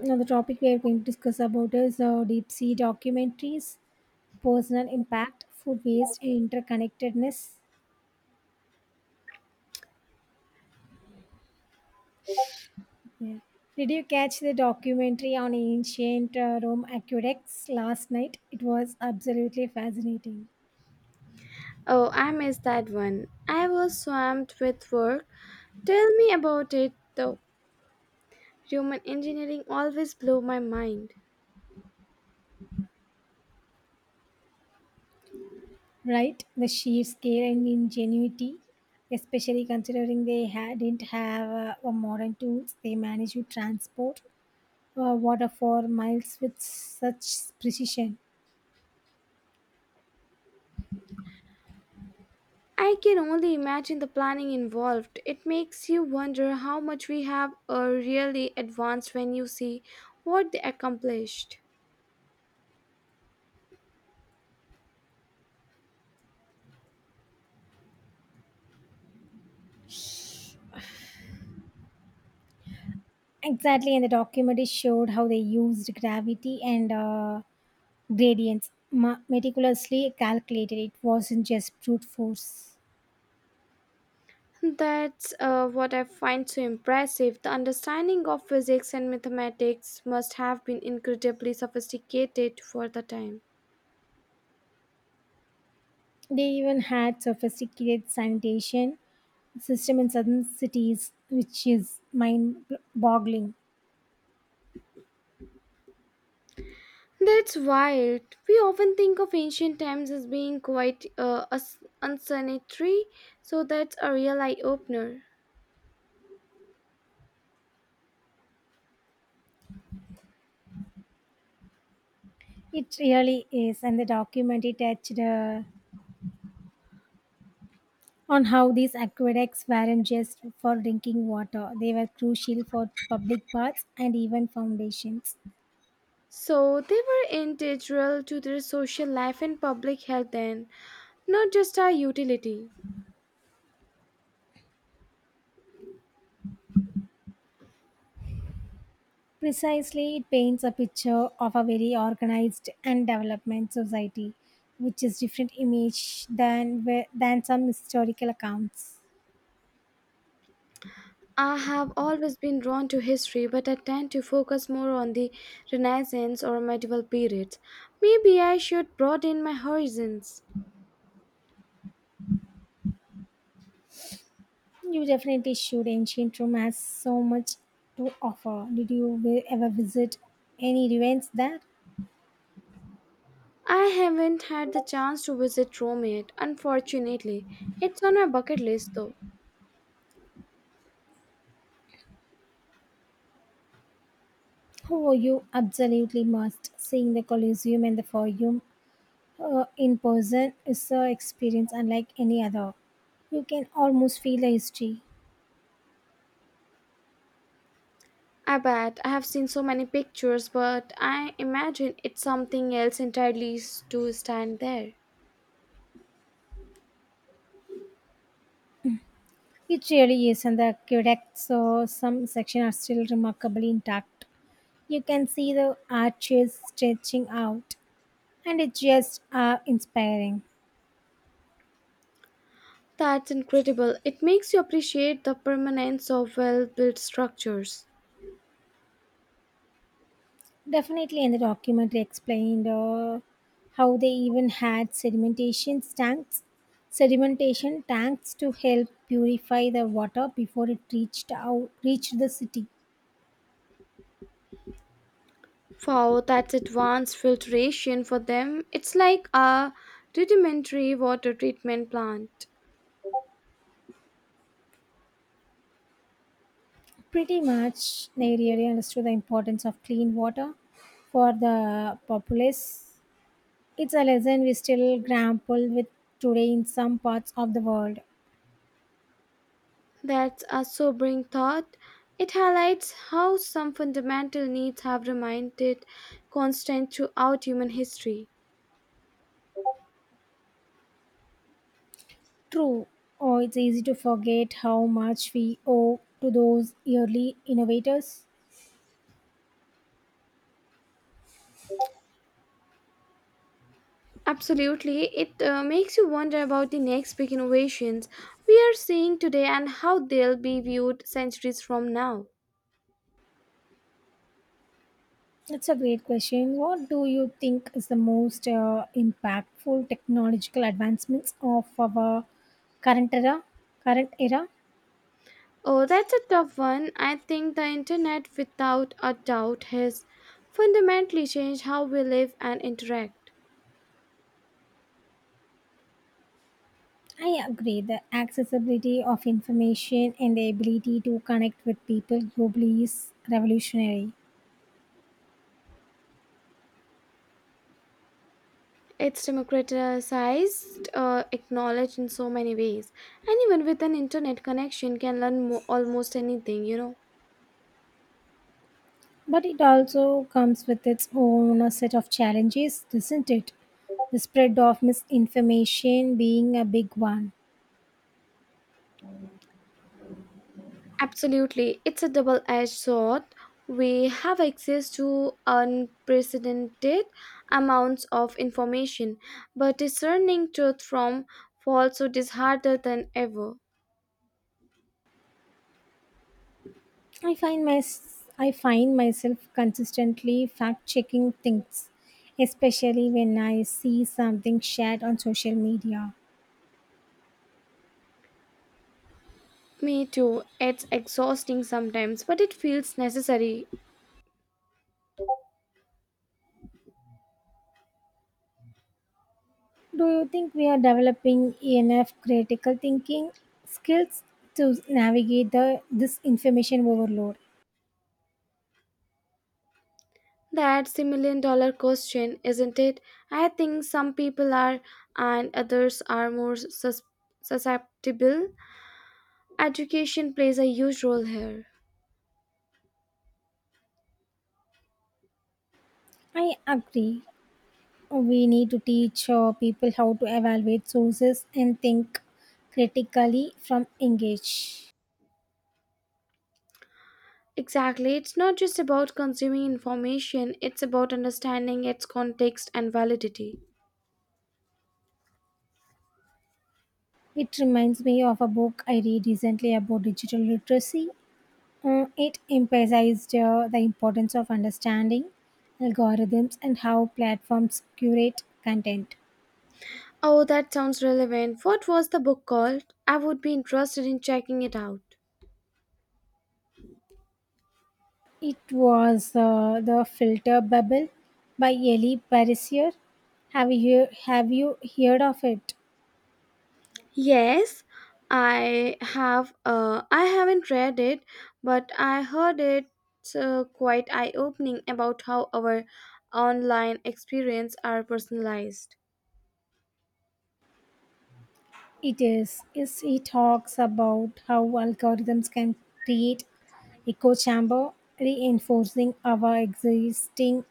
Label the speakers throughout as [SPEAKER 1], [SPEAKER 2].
[SPEAKER 1] Now, the topic we are going to discuss about is deep sea documentaries, personal impact, food waste, and interconnectedness. Yeah. Did you catch the documentary on ancient Rome aqueducts last night? It was absolutely fascinating,
[SPEAKER 2] Oh, I missed that one. I was swamped with work. Tell me about it, though. Human engineering always blew my mind.
[SPEAKER 1] right? The sheer scale and ingenuity, especially considering they didn't have a modern tools, they managed to transport water for miles with such precision.
[SPEAKER 2] I can only imagine the planning involved. It makes you wonder how much we have really advanced when you see what they accomplished.
[SPEAKER 1] Exactly, and the documentary showed how they used gravity and gradients meticulously calculated. It wasn't just brute force.
[SPEAKER 2] That's what I find so impressive. The understanding of physics and mathematics must have been incredibly sophisticated for the time.
[SPEAKER 1] They even had sophisticated sanitation system in southern cities, which is mind-boggling.
[SPEAKER 2] That's wild. We often think of ancient times as being quite unsanitary, so that's a real eye opener.
[SPEAKER 1] It really is, and the documentary touched on how these aqueducts weren't just for drinking water; they were crucial for public baths and even foundations.
[SPEAKER 2] So they were integral to their social life and public health then, not just our utility.
[SPEAKER 1] Precisely, it paints a picture of a very organized and development society, which is different image than than some historical accounts.
[SPEAKER 2] I have always been drawn to history, but I tend to focus more on the Renaissance or medieval periods. Maybe I should broaden my horizons.
[SPEAKER 1] You definitely should. Ancient Rome has so much to offer. Did you ever visit any ruins there?
[SPEAKER 2] I haven't had the chance to visit Rome yet, unfortunately. It's on my bucket list though.
[SPEAKER 1] Oh, you absolutely must. Seeing the Colosseum and the Forum in person is an experience unlike any other. You can almost feel the history.
[SPEAKER 2] I bet I have seen so many pictures, but I imagine it's something else entirely to stand there.
[SPEAKER 1] It really is, and the Quebec So some sections are still remarkably intact. You can see the arches stretching out, and it's just inspiring.
[SPEAKER 2] That's incredible. It makes you appreciate the permanence of well built structures.
[SPEAKER 1] Definitely, and the documentary explained how they even had sedimentation tanks to help purify the water before it reached the city.
[SPEAKER 2] Wow, that's advanced filtration for them. It's like a rudimentary water treatment plant.
[SPEAKER 1] Pretty much, they really understood the importance of clean water for the populace. It's a lesson we still grapple with today in some parts of the world.
[SPEAKER 2] That's a sobering thought. It highlights how some fundamental needs have remained constant throughout human history.
[SPEAKER 1] True, oh, it's easy to forget how much we owe to those early innovators.
[SPEAKER 2] Absolutely. It makes you wonder about the next big innovations we are seeing today and how they'll be viewed centuries from now.
[SPEAKER 1] That's a great question. What do you think is the most impactful technological advancements of our current era? Current era?
[SPEAKER 2] Oh, that's a tough one. I think the internet, without a doubt, has fundamentally changed how we live and interact.
[SPEAKER 1] I agree. The accessibility of information and the ability to connect with people globally is revolutionary.
[SPEAKER 2] It's democratized acknowledged in so many ways. Anyone with an internet connection can learn almost anything,
[SPEAKER 1] But it also comes with its own set of challenges, doesn't it? The spread of misinformation being a big one.
[SPEAKER 2] Absolutely. It's a double edged sword. We have access to unprecedented amounts of information, but discerning truth from falsehood is harder than ever.
[SPEAKER 1] I find my I find myself consistently fact checking things, especially when I see something shared on social media.
[SPEAKER 2] Me too. It's exhausting sometimes, but it feels necessary.
[SPEAKER 1] Do you think we are developing enough critical thinking skills to navigate the this information overload?
[SPEAKER 2] That's the million dollar question, isn't it? I think some people are and others are more susceptible. Education plays a huge role here.
[SPEAKER 1] I agree. We need to teach people how to evaluate sources and think critically from engage.
[SPEAKER 2] Exactly. It's not just about consuming information, it's about understanding its context and validity.
[SPEAKER 1] It reminds me of a book I read recently about digital literacy. It emphasized the importance of understanding algorithms and how platforms curate content.
[SPEAKER 2] Oh, that sounds relevant. What was the book called? I would be interested in checking it out.
[SPEAKER 1] It was the filter bubble by Ellie Pariser. Have you have you heard of it?
[SPEAKER 2] Yes, I have. I haven't read it, but I heard it's quite eye-opening about how our online experience are personalized.
[SPEAKER 1] It is. Is he talks about how algorithms can create echo chamber, reinforcing our existing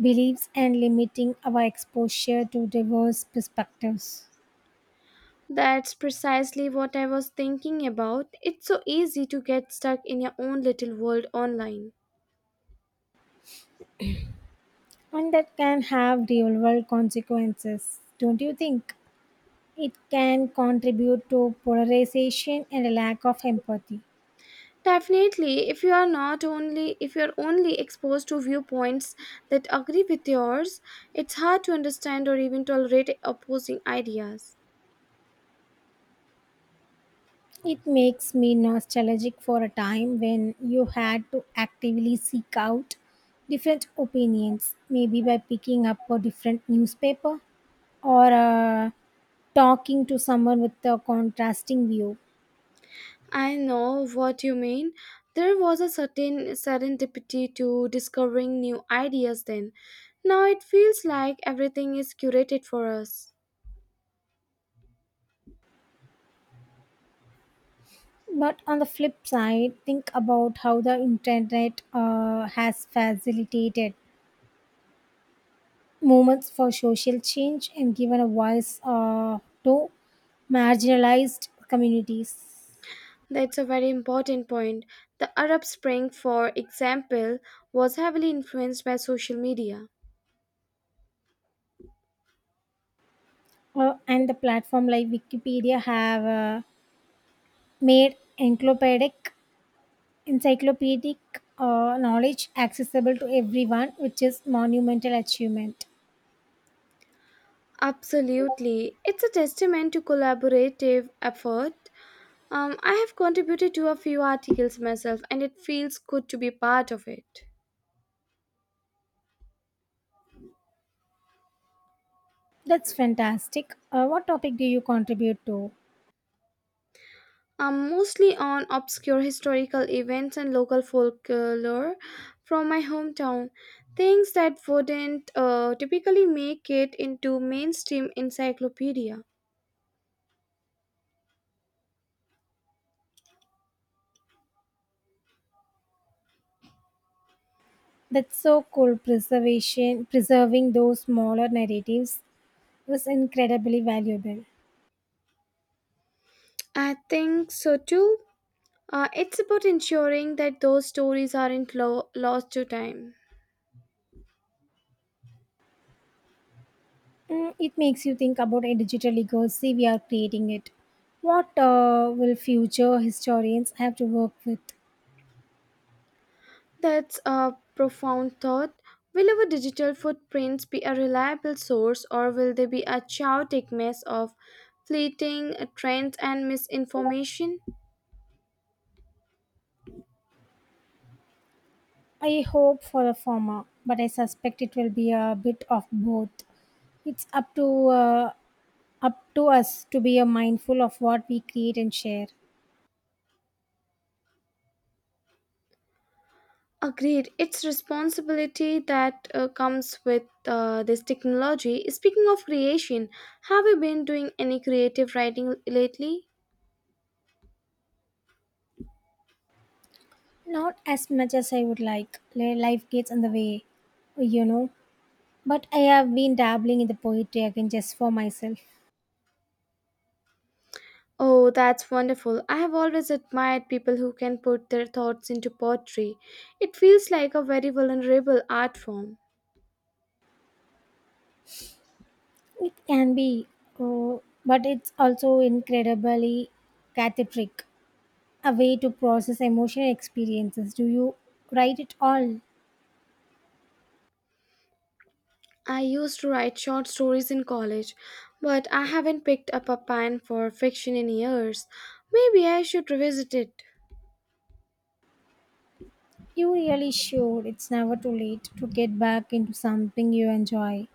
[SPEAKER 1] beliefs and limiting our exposure to diverse perspectives.
[SPEAKER 2] That's precisely what I was thinking about. It's so easy to get stuck in your own little world online.
[SPEAKER 1] And that can have real world consequences, don't you think? It can contribute to polarization and a lack of empathy.
[SPEAKER 2] Definitely, if you're only exposed to viewpoints that agree with yours, it's hard to understand or even tolerate opposing ideas.
[SPEAKER 1] It makes me nostalgic for a time when you had to actively seek out different opinions, maybe by picking up a different newspaper or talking to someone with a contrasting view.
[SPEAKER 2] I know what you mean. There was a certain serendipity to discovering new ideas then. Now it feels like everything is curated for us.
[SPEAKER 1] But on the flip side, think about how the internet has facilitated movements for social change and given a voice to marginalized communities.
[SPEAKER 2] That's a very important point. The Arab Spring, for example, was heavily influenced by social media.
[SPEAKER 1] And the platform like Wikipedia have made encyclopedic knowledge accessible to everyone, which is monumental achievement.
[SPEAKER 2] Absolutely. It's a testament to collaborative effort. I have contributed to a few articles myself, and it feels good to be part of it.
[SPEAKER 1] That's fantastic. What topic do you contribute to?
[SPEAKER 2] Mostly on obscure historical events and local folklore from my hometown. Things that wouldn't typically make it into mainstream encyclopedia.
[SPEAKER 1] That's so cool. Preserving those smaller narratives was incredibly valuable.
[SPEAKER 2] I think so too. It's about ensuring that those stories aren't lost to time.
[SPEAKER 1] Mm, it makes you think about a digital legacy we are creating it. What will future historians have to work with?
[SPEAKER 2] That's a profound thought. Will our digital footprints be a reliable source or will they be a chaotic mess of fleeting trends and misinformation?
[SPEAKER 1] I hope for the former, but I suspect it will be a bit of both. It's up to us to be mindful of what we create and share.
[SPEAKER 2] Agreed. It's responsibility that comes with this technology. Speaking of creation, have you been doing any creative writing lately?
[SPEAKER 1] Not as much as I would like. Life gets in the way, you know. But I have been dabbling in the poetry again just for myself.
[SPEAKER 2] Oh, that's wonderful. I have always admired people who can put their thoughts into poetry. It feels like a very vulnerable art form.
[SPEAKER 1] It can be, uh, but it's also incredibly cathartic, a way to process emotional experiences. Do you write it all?
[SPEAKER 2] I used to write short stories in college, but I haven't picked up a pen for fiction in years. Maybe I should revisit it.
[SPEAKER 1] You really should. It's never too late to get back into something you enjoy.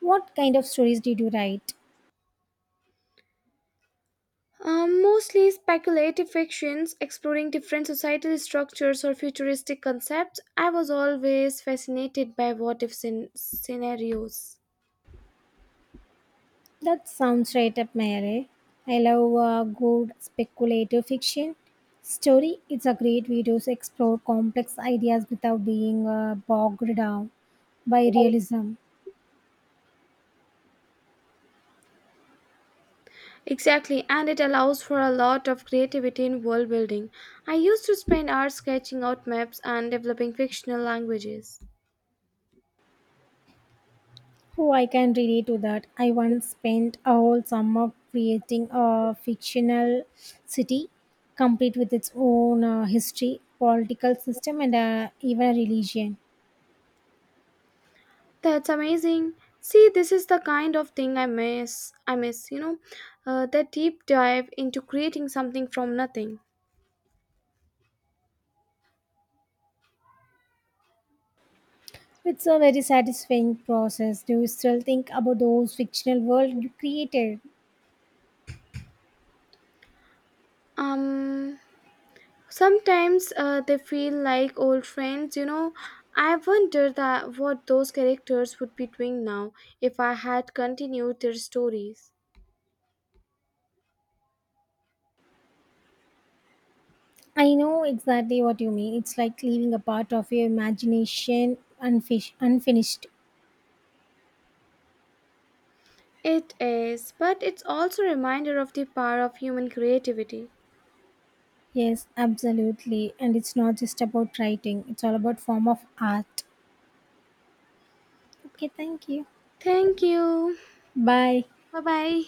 [SPEAKER 1] What kind of stories did you write?
[SPEAKER 2] Mostly speculative fictions, exploring different societal structures or futuristic concepts. I was always fascinated by what if scenarios.
[SPEAKER 1] That sounds right up my alley. I love good speculative fiction. Story, it's a great way to explore complex ideas without being bogged down by realism.
[SPEAKER 2] Exactly, and it allows for a lot of creativity in world building. I used to spend hours sketching out maps and developing fictional languages.
[SPEAKER 1] Oh, I can relate to that. I once spent a whole summer creating a fictional city, complete with its own history, political system, and even a religion.
[SPEAKER 2] That's amazing. See, this is the kind of thing I miss. I miss, that deep dive into creating something from nothing.
[SPEAKER 1] It's a very satisfying process. Do you still think about those fictional world you created?
[SPEAKER 2] Um, Sometimes they feel like old friends. You know, I wonder that what those characters would be doing now if I had continued their stories.
[SPEAKER 1] I know exactly what you mean. It's like leaving a part of your imagination unfinished.
[SPEAKER 2] It is, but it's also a reminder of the power of human creativity.
[SPEAKER 1] Yes, absolutely. And it's not just about writing, it's all about form of art. Okay, thank you.
[SPEAKER 2] Thank you.
[SPEAKER 1] Bye.
[SPEAKER 2] Bye bye.